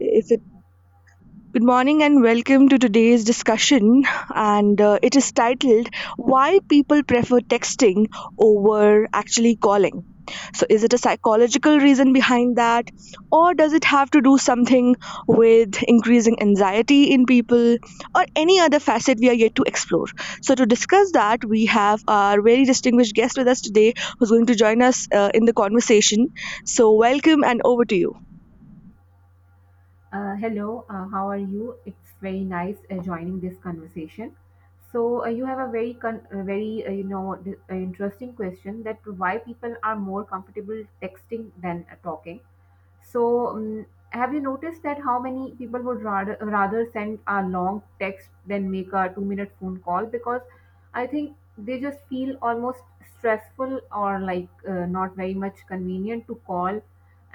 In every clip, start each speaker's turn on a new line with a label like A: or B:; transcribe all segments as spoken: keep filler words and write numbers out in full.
A: Is it Good morning and welcome to today's discussion. And uh, it is titled "Why People Prefer Texting Over Actually Calling." So, is it a psychological reason behind that, or does it have to do something with increasing anxiety in people, or any other facet we are yet to explore? So, to discuss that, we have our very distinguished guest with us today, who's going to join us uh, in the conversation. So, welcome and over to you.
B: Uh, hello, uh, how are you? It's very nice uh, joining this conversation. So uh, you have a very, con- uh, very uh, you know, d- uh, interesting question that why people are more comfortable texting than uh, talking. So um, have you noticed that how many people would rather rather send a long text than make a two minute phone call? Because I think they just feel almost stressful, or like uh, not very much convenient to call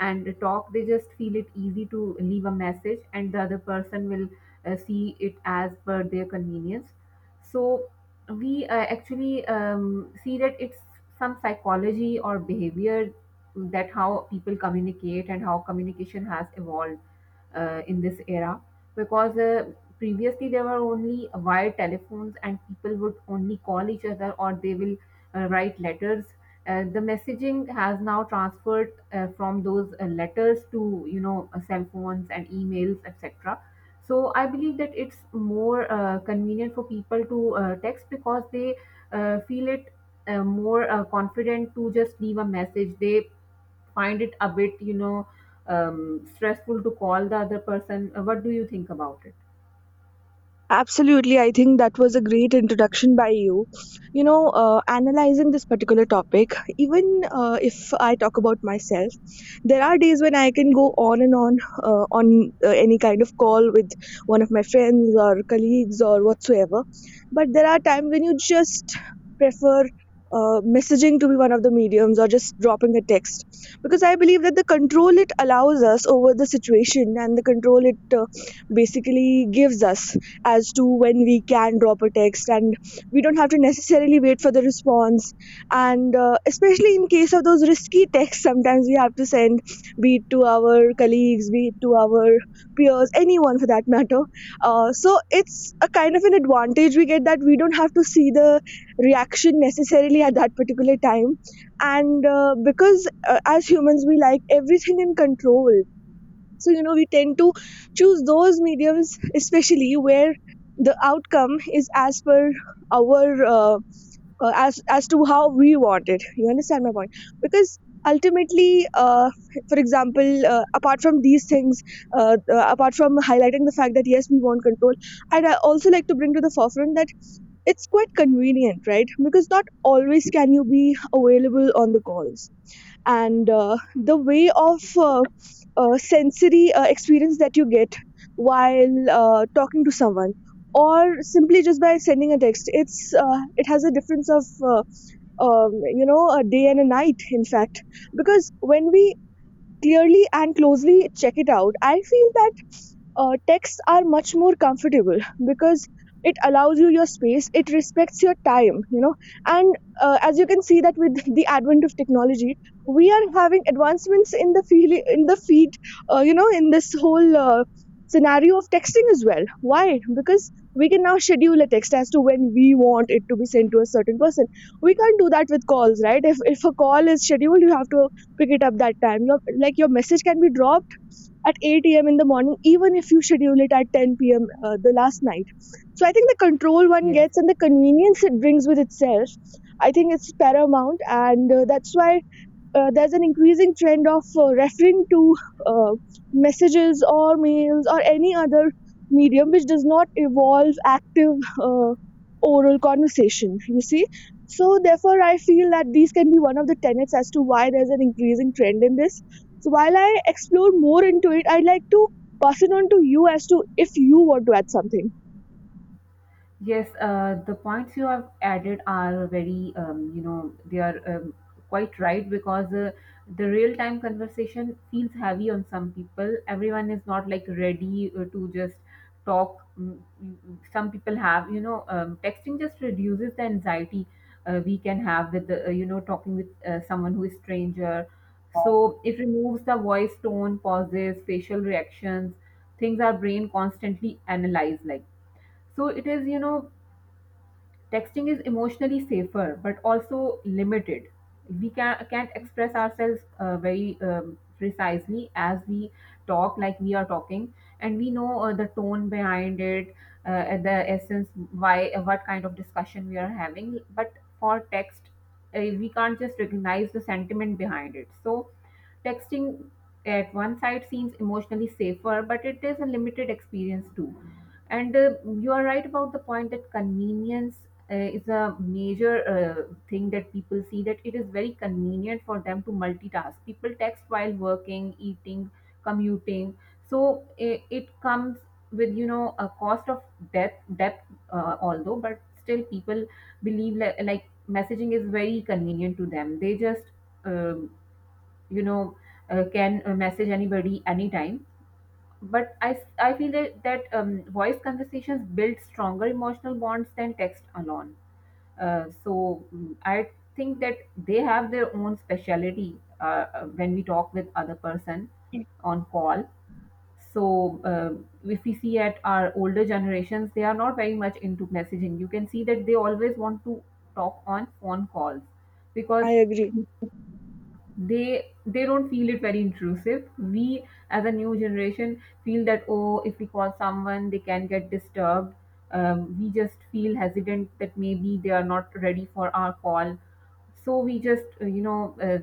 B: and talk. They just feel it easy to leave a message and the other person will uh, see it as per their convenience. So we uh, actually um, see that it's some psychology or behavior, that how people communicate and how communication has evolved uh, in this era. Because uh, previously there were only wire telephones and people would only call each other, or they will uh, write letters. Uh, the messaging has now transferred uh, from those uh, letters to you know uh, cell phones and emails, etc. So I believe that it's more uh, convenient for people to uh, text, because they uh, feel it uh, more uh, confident to just leave a message. They find it a bit you know um, stressful to call the other person. Uh, what do you think about it?
A: Absolutely. I think that was a great introduction by you. You know, uh, analyzing this particular topic, even uh, if I talk about myself, there are days when I can go on and on uh, on uh, any kind of call with one of my friends or colleagues or whatsoever. But there are times when you just prefer uh, messaging to be one of the mediums or just dropping a text, because I believe that the control it allows us over the situation, and the control it uh, basically gives us as to when we can drop a text, and we don't have to necessarily wait for the response. And uh, especially in case of those risky texts sometimes we have to send, be it to our colleagues, be it to our peers, anyone for that matter, uh, so it's a kind of an advantage we get that we don't have to see the reaction necessarily at that particular time. And uh, because uh, as humans we like everything in control, so, you know, we tend to choose those mediums, especially where the outcome is as per our, uh, uh, as, as to how we want it. You understand my point? Because ultimately, uh, for example, uh, apart from these things, uh, uh, apart from highlighting the fact that yes, we want control, I'd uh, also like to bring to the forefront that it's quite convenient, right? Because not always can you be available on the calls, and uh, the way of uh, uh, sensory uh, experience that you get while uh, talking to someone or simply just by sending a text, it's uh, it has a difference of uh, um, you know, a day and a night in fact. Because when we clearly and closely check it out, I feel that uh, texts are much more comfortable, because it allows you your space, it respects your time, you know. And uh, as you can see that with the advent of technology, we are having advancements in the field in the feed uh, you know, in this whole uh, scenario of texting as well. Why? Because we can now schedule a text as to when we want it to be sent to a certain person. We can't do that with calls, right? If if a call is scheduled, you have to pick it up that time. Your, like, your message can be dropped at eight a m in the morning, even if you schedule it at ten p m. Uh, the last night. So I think the control one
B: Yes,
A: gets and the convenience it brings with itself, I think it's paramount, and uh, that's why uh, there's an increasing trend of uh, referring to uh, messages or mails or any other medium which does not involve active uh, oral conversation, you see. So therefore I feel that these can be one of the tenets as to why there's an increasing trend in this. So while I explore more into it, I'd like to pass it on to you as to if you want to add something.
B: yes, uh, the points you have added are very, um, you know, they are um, quite right, because uh, the real time conversation feels heavy on some people. Everyone is not like ready uh, to just talk. Mm, mm, mm. Some people have, you know, um, texting just reduces the anxiety uh, we can have with, the, uh, you know, talking with uh, someone who is stranger. So it removes the voice tone, pauses, facial reactions, things our brain constantly analyze, like, so it is, you know texting is emotionally safer, but also limited. We can, can't express ourselves uh, very um, precisely as we talk, like we are talking, and we know uh, the tone behind it, uh, the essence, why, what kind of discussion we are having. But for text, uh, we can't just recognize the sentiment behind it. So texting, at one side, seems emotionally safer, but it is a limited experience too. And uh, you are right about the point that convenience uh, is a major uh, thing that people see, that it is very convenient for them to multitask. People text while working, eating, commuting. So it, it comes with, you know, a cost of depth depth uh, Although, but still people believe like, like messaging is very convenient to them. They just um, you know uh, can uh, message anybody anytime. But i i feel that, that um, voice conversations build stronger emotional bonds than text alone. uh, so mm, I think that they have their own speciality uh, uh, when we talk with other person on call. So uh, if we see at our older generations, they are not very much into messaging. You can see that they always want to talk on phone calls, because
A: I agree.
B: they they don't feel it very intrusive. We as a new generation feel that, oh, if we call someone they can get disturbed. Um, we just feel hesitant that maybe they are not ready for our call. So we just uh, you know uh,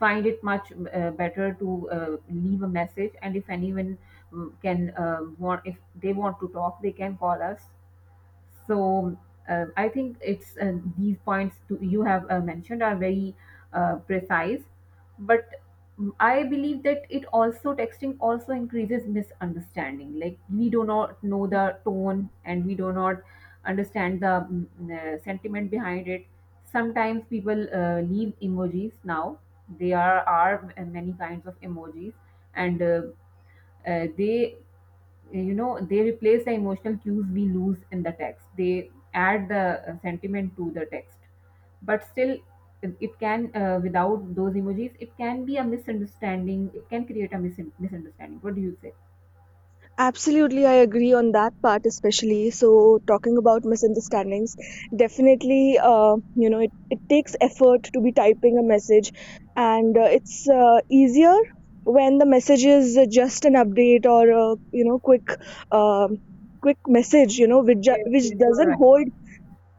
B: find it much uh, better to uh, leave a message, and if anyone mm, can uh, want if they want to talk they can call us. So uh, I think it's uh, these points to, you have uh, mentioned are very uh, precise, but I believe that it also texting also increases misunderstanding. Like we do not know the tone, and we do not understand the mm, mm, uh, sentiment behind it. Sometimes people uh, leave emojis now. There are many kinds of emojis, and uh, uh, they, you know, they replace the emotional cues we lose in the text. They add the uh, sentiment to the text, but still it it can uh, without those emojis, it can be a misunderstanding. It can create a mis- misunderstanding. What do you say?
A: Absolutely, I agree on that part, especially. So, talking about misunderstandings, definitely, uh, you know, it, it takes effort to be typing a message, and uh, it's uh, easier when the message is just an update or a, you know, quick, um, quick message, you know, which ju-
B: Yes,
A: which
B: yes, you are
A: doesn't
B: right.
A: hold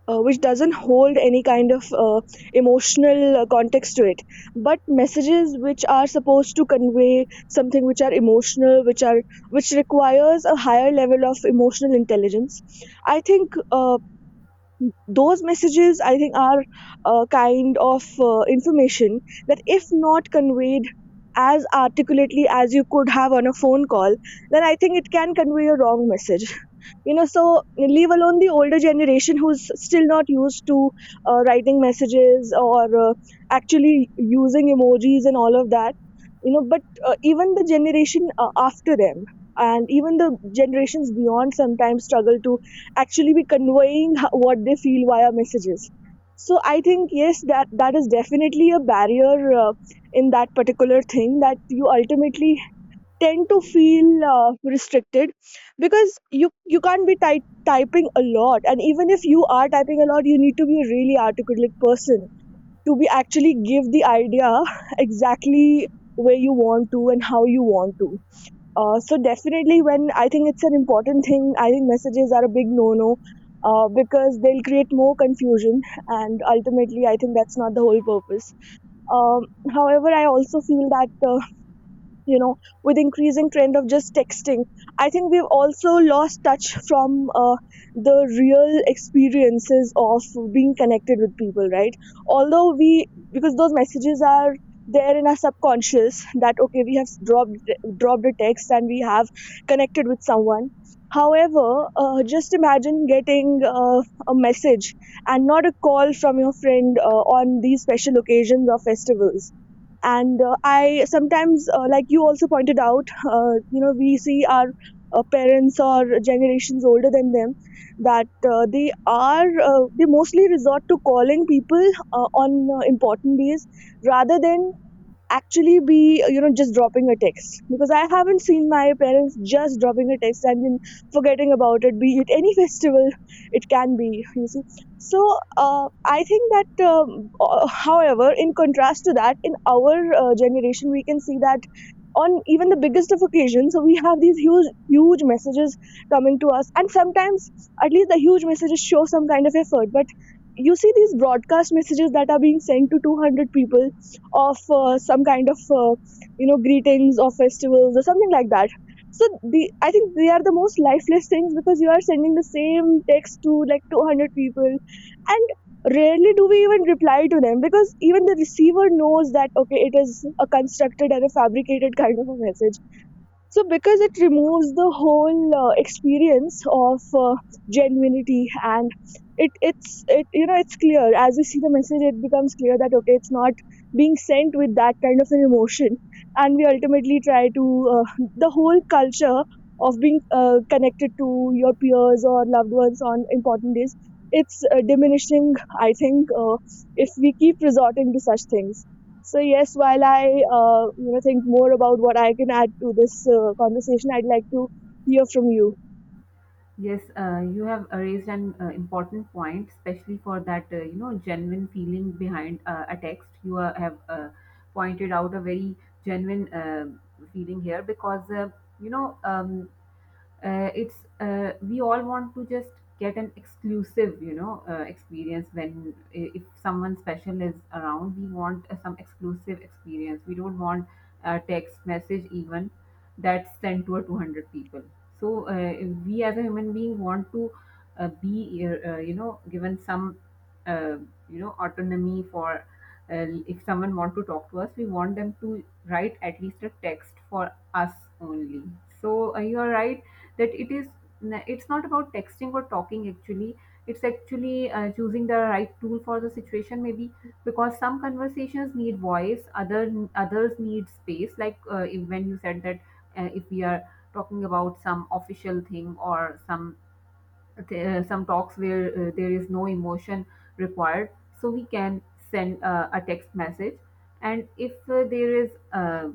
A: uh, which doesn't hold any kind of uh, emotional uh, context to it. But messages which are supposed to convey something, which are emotional, which are, which requires a higher level of emotional intelligence, I think uh, those messages, I think, are a kind of uh, information that if not conveyed as articulately as you could have on a phone call, then I think it can convey a wrong message, you know. So, leave alone the older generation, who's still not used to uh, writing messages or uh, actually using emojis and all of that, you know, but uh, even the generation uh, after them, and even the generations beyond, sometimes struggle to actually be conveying h- what they feel via messages. So I think yes, that that is definitely a barrier uh, in that particular thing, that you ultimately tend to feel uh, restricted, because you you can't be ty- typing a lot, and even if you are typing a lot, you need to be a really articulate person to be actually give the idea exactly where you want to and how you want to. Uh, so definitely, when I think it's an important thing, I think messages are a big no no, uh, because they'll create more confusion, and ultimately I think that's not the whole purpose. um, However, I also feel that uh, you know, with increasing trend of just texting, I think we've also lost touch from uh, the real experiences of being connected with people, right? Although we, because those messages are there in our subconscious that okay, we have dropped dropped a text and we have connected with someone. However, uh, just imagine getting uh, a message and not a call from your friend uh, on these special occasions or festivals. And uh, I sometimes, uh, like you also pointed out, uh, you know, we see our uh, parents or generations older than them, that uh, they are uh, they mostly resort to calling people uh, on uh, important days, rather than actually be, you know, just dropping a text, because I haven't seen my parents just dropping a text and then forgetting about it, be it any festival, it can be, you see. So uh, I think that um, uh, however, in contrast to that, in our uh, generation we can see that on even the biggest of occasions, so we have these huge huge messages coming to us, and sometimes at least the huge messages show some kind of effort. But you see these broadcast messages that are being sent to two hundred people, of uh, some kind of uh, you know, greetings or festivals or something like that. So the I think they are the most lifeless things, because you are sending the same text to like two hundred people, and rarely do we even reply to them, because even the receiver knows that okay, it is a constructed and a fabricated kind of a message. So, because it removes the whole uh, experience of uh, genuinity, and it it's it you know, it's clear, as we see the message, it becomes clear that okay, it's not being sent with that kind of an emotion, and we ultimately try to uh, the whole culture of being uh, connected to your peers or loved ones on important days. It's uh, diminishing, I think, uh, if we keep resorting to such things. So yes, while I uh, you know, think more about what I can add to this uh, conversation, I'd like to hear from you.
B: Yes, uh, you have uh, raised an uh, important point, especially for that uh, you know genuine feeling behind uh, a text. You uh, have uh, pointed out a very genuine uh, feeling here, because uh, you know um, uh, it's uh, we all want to just get an exclusive, you know uh, experience. When i- if someone special is around, we want uh, some exclusive experience. We don't want a text message even that's sent to a two hundred people. So uh, if we, as a human being, want to uh, be uh, uh, you know given some uh, you know autonomy for uh, if someone want to talk to us, we want them to write at least a text for us only. So uh, you are right that it is, it's not about texting or talking actually. It's actually uh, choosing the right tool for the situation, maybe. Because some conversations need voice, other others need space. Like uh, if- when you said that uh, if we are talking about some official thing, or some th- uh, some talks where uh, there is no emotion required, so we can send uh, a text message. And if uh, there is uh,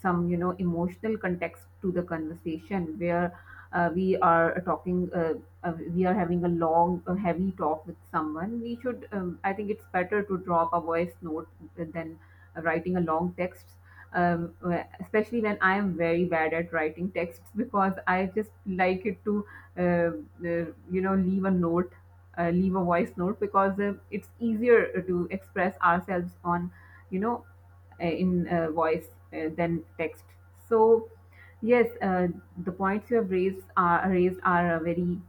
B: some, you know, emotional context to the conversation, where uh, we are talking uh, uh, we are having a long uh, heavy talk with someone, we should, um, I think it's better to drop a voice note than writing a long text. um, Especially when I am very bad at writing texts, because I just like it to uh, uh, you know, leave a note, uh, leave a voice note, because uh, it's easier to express ourselves on, you know, uh, in uh, voice uh, than text. So yes, uh, the points you have raised are raised are uh, very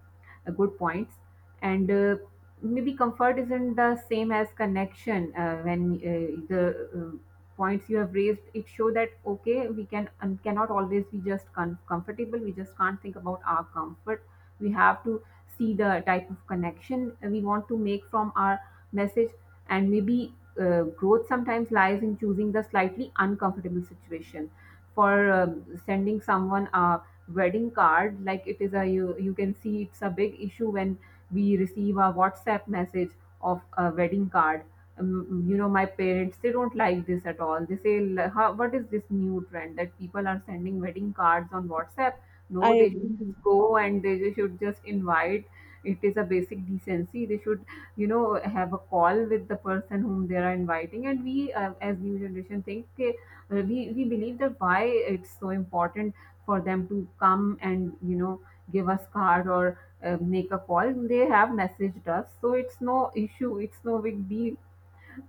B: uh, good points. And uh, maybe comfort isn't the same as connection. Uh, when uh, the uh, points you have raised, it show that, okay, we can um, cannot always be just com- comfortable. We just can't think about our comfort. We have to see the type of connection we want to make from our message. And maybe uh, growth sometimes lies in choosing the slightly uncomfortable situation, for um, sending someone a wedding card. Like, it is a, you, you can see it's a big issue when we receive a WhatsApp message of a wedding card. Um, you know, my parents, they don't like this at all. They say, "L- How, what is this new trend that people are sending wedding cards on WhatsApp? No,
A: I.
B: they should go and they should just invite. It is a basic decency. They should, you know, have a call with the person whom they are inviting." And we uh, as new generation think uh, we we believe that why it's so important for them to come and, you know, give us card, or uh, make a call. They have messaged us, so it's no issue, it's no big deal.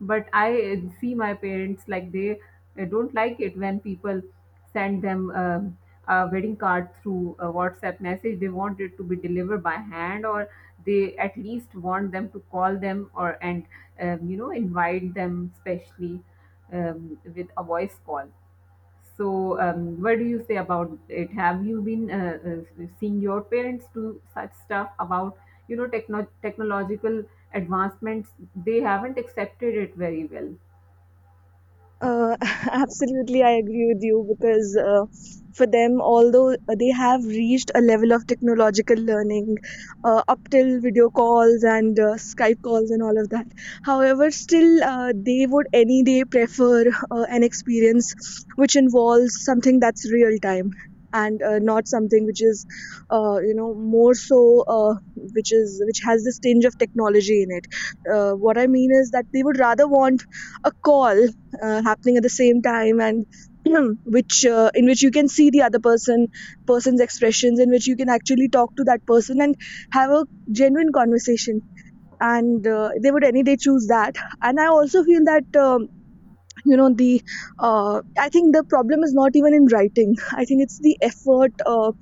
B: But I uh, see my parents, like, they uh, don't like it when people send them um, a wedding card through a WhatsApp message. They want it to be delivered by hand, or they at least want them to call them. Or and um, You know, invite them, especially um, with a voice call. So, um, what do you say about it? Have you been uh, uh, seeing your parents do such stuff about, you know, techno- technological advancements? They haven't accepted it very well.
A: Uh, absolutely, I agree with you, because uh, for them, although they have reached a level of technological learning uh, up till video calls and uh, Skype calls and all of that, however, still uh, they would any day prefer uh, an experience which involves something that's real time, and uh, not something which is, uh, you know, more so uh, which is, which has this tinge of technology in it. Uh, what I mean is that they would rather want a call uh, happening at the same time and which uh, in which you can see the other person person's expressions, in which you can actually talk to that person and have a genuine conversation, and uh, they would any day choose that. And I also feel that um, you know the uh, I think the problem is not even in writing. I think it's the effort uh,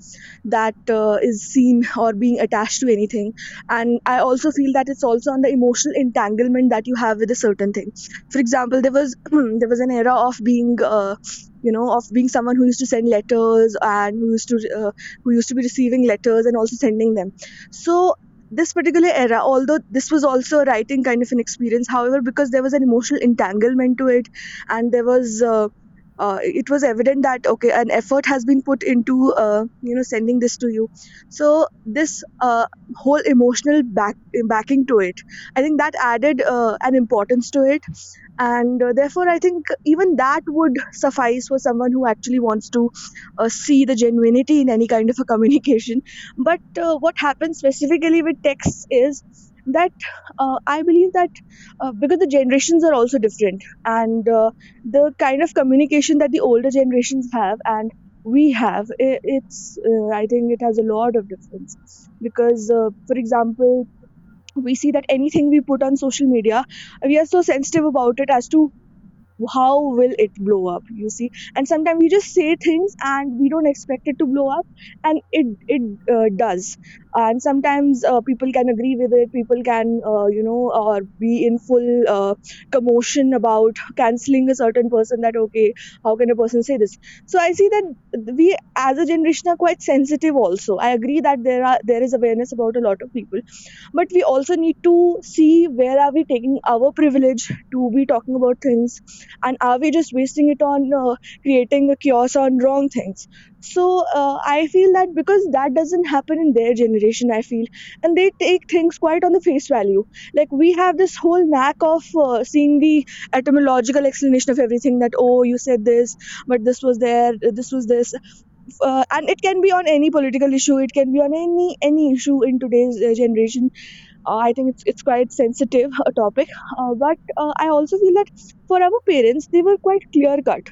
A: that uh, is seen or being attached to anything. And I also feel that it's also on the emotional entanglement that you have with a certain thing. For example, there was there was an era of being uh, you know of being someone who used to send letters and who used to uh, who used to be receiving letters and also sending them. So this particular era, although this was also a writing kind of an experience, however because there was an emotional entanglement to it, and there was uh, uh, it was evident that okay, an effort has been put into, uh, you know sending this to you. So this uh, whole emotional back backing to it, I think that added uh, an importance to it. And uh, therefore I think even that would suffice for someone who actually wants to uh, see the genuinity in any kind of a communication. But uh, what happens specifically with texts is that uh, I believe that uh, because the generations are also different, and uh, the kind of communication that the older generations have and we have, i- it's uh, I think it has a lot of difference. Because uh, for example, we see that anything we put on social media, we are so sensitive about it as to how will it blow up, you see, and sometimes we just say things and we don't expect it to blow up, and it it uh, does. And sometimes uh, people can agree with it, people can, uh, you know or be in full uh, commotion about canceling a certain person, that okay, how can a person say this. So I see that we as a generation are quite sensitive. Also I agree that there are there is awareness about a lot of people, but we also need to see where are we taking our privilege to be talking about things, and are we just wasting it on uh, creating a chaos on wrong things. So uh, I feel that because that doesn't happen in their generation, I feel, and they take things quite on the face value. Like we have this whole knack of uh, seeing the etymological explanation of everything, that oh, you said this, but this was there, this was this, uh, and it can be on any political issue, it can be on any any issue in today's uh, generation. uh, I think it's it's quite sensitive a topic. Uh, but uh, I also feel that for our parents, they were quite clear cut.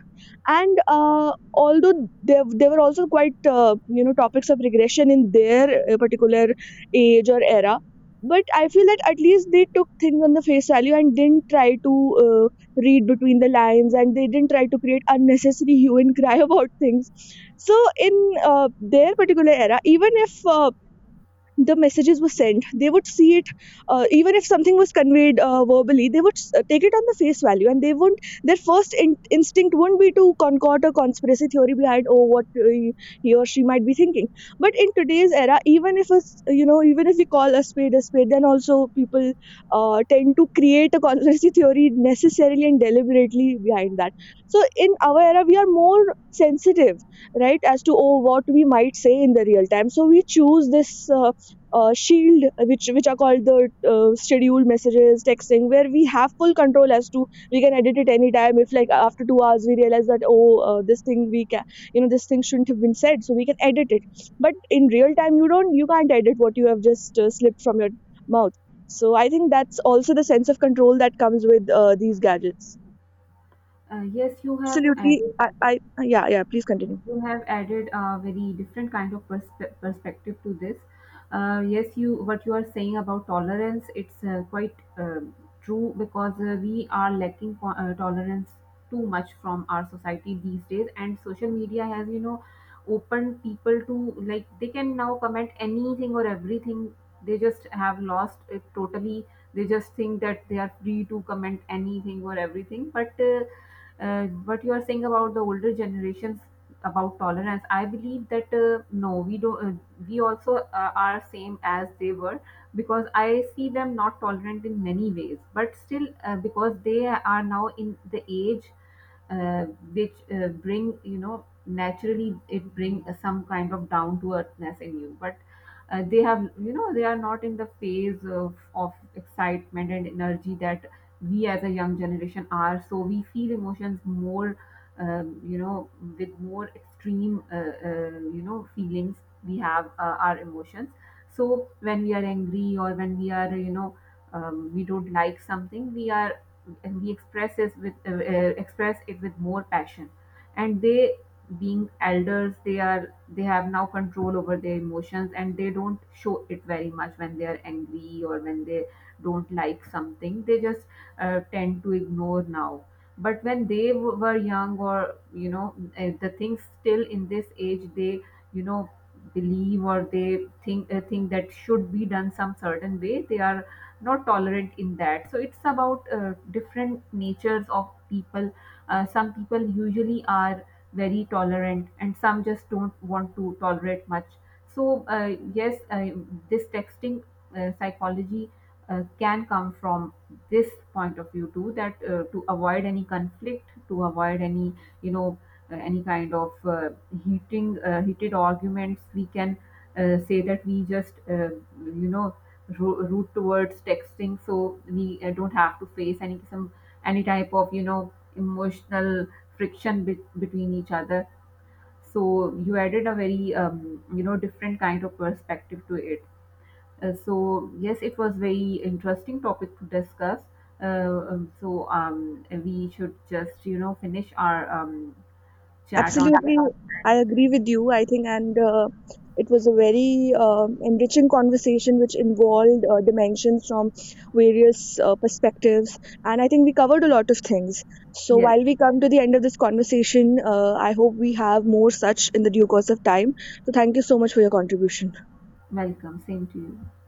A: And uh, although there there were also quite, uh, you know topics of regression in their uh, particular age or era, but I feel that at least they took things on the face value and didn't try to uh, read between the lines, and they didn't try to create unnecessary hue and cry about things. So in uh, their particular era, even if uh, the messages were sent, they would see it. Uh, even if something was conveyed uh, verbally, they would uh, take it on the face value, and they wouldn't, their first in- instinct wouldn't be to concord a conspiracy theory behind, oh what uh, he he or she might be thinking. But in today's era, even if us you know even if we call a spade a spade, then also people uh, tend to create a conspiracy theory necessarily and deliberately behind that. So in our era, we are more sensitive, right, as to oh, what we might say in the real time, so we choose this uh, uh, shield, uh, which which are called the uh, scheduled messages texting, where we have full control as to we can edit it anytime. If like after two hours, we realize that oh, uh, this thing we can, you know this thing shouldn't have been said, so we can edit it. But in real time, you don't, you can't edit what you have just uh, slipped from your mouth. So I think that's also the sense of control that comes with uh, these gadgets.
B: Uh, yes, you have
A: Absolutely,
B: added
A: I, I yeah, yeah, please continue.
B: you have added a very different kind of perspe- perspective to this. Uh, yes, you what you are saying about tolerance, it's uh, quite uh, true, because uh, we are lacking co- uh, tolerance too much from our society these days. And social media has, you know, opened people to, like, they can now comment anything or everything. They just have lost it totally. They just think that they are free to comment anything or everything. But uh, uh, what you are saying about the older generations about tolerance, I believe that, uh, no, we don't uh, we also uh, are same as they were, because I see them not tolerant in many ways. But still uh, because they are now in the age uh, which uh, bring, you know, naturally it bring some kind of down to earthness in you. But uh, they have, you know, they are not in the phase of, of excitement and energy that we as a young generation are. So we feel emotions more, um, you know, with more extreme, uh, uh, you know, feelings. We have uh, our emotions. So when we are angry, or when we are, you know, um, we don't like something, we are, we express it with uh, uh, express it with more passion. And they, being elders, they are they have now control over their emotions, and they don't show it very much. When they are angry, or when they don't like something, they just uh, tend to ignore now. But when they w- were young, or, you know, uh, the things, still in this age, they, you know, believe, or they think uh, think that should be done some certain way, they are not tolerant in that. So it's about uh, different natures of people. Uh, some people usually are very tolerant, and some just don't want to tolerate much. So uh, yes, uh, this texting uh, psychology uh, can come from this point of view too, that uh, to avoid any conflict, to avoid any, you know, uh, any kind of uh, heating uh, heated arguments, we can uh, say that we just uh, you know, ro- root towards texting, so we uh, don't have to face any, some any type of, you know, emotional friction be- between each other. So you added a very um, you know, different kind of perspective to it. Uh, so yes, it was very interesting topic to discuss. Uh, um, so um, we should just, you know, finish our um, chat on it.
A: Absolutely, I agree with you. I think, and uh, it was a very um enriching conversation, which involved uh, dimensions from various uh, perspectives. And I think we covered a lot of things. So,
B: Yes,
A: while we come to the end of this conversation, uh, I hope we have more such in the due course of time. So, thank you so much for your contribution.
B: welcome. Same to you.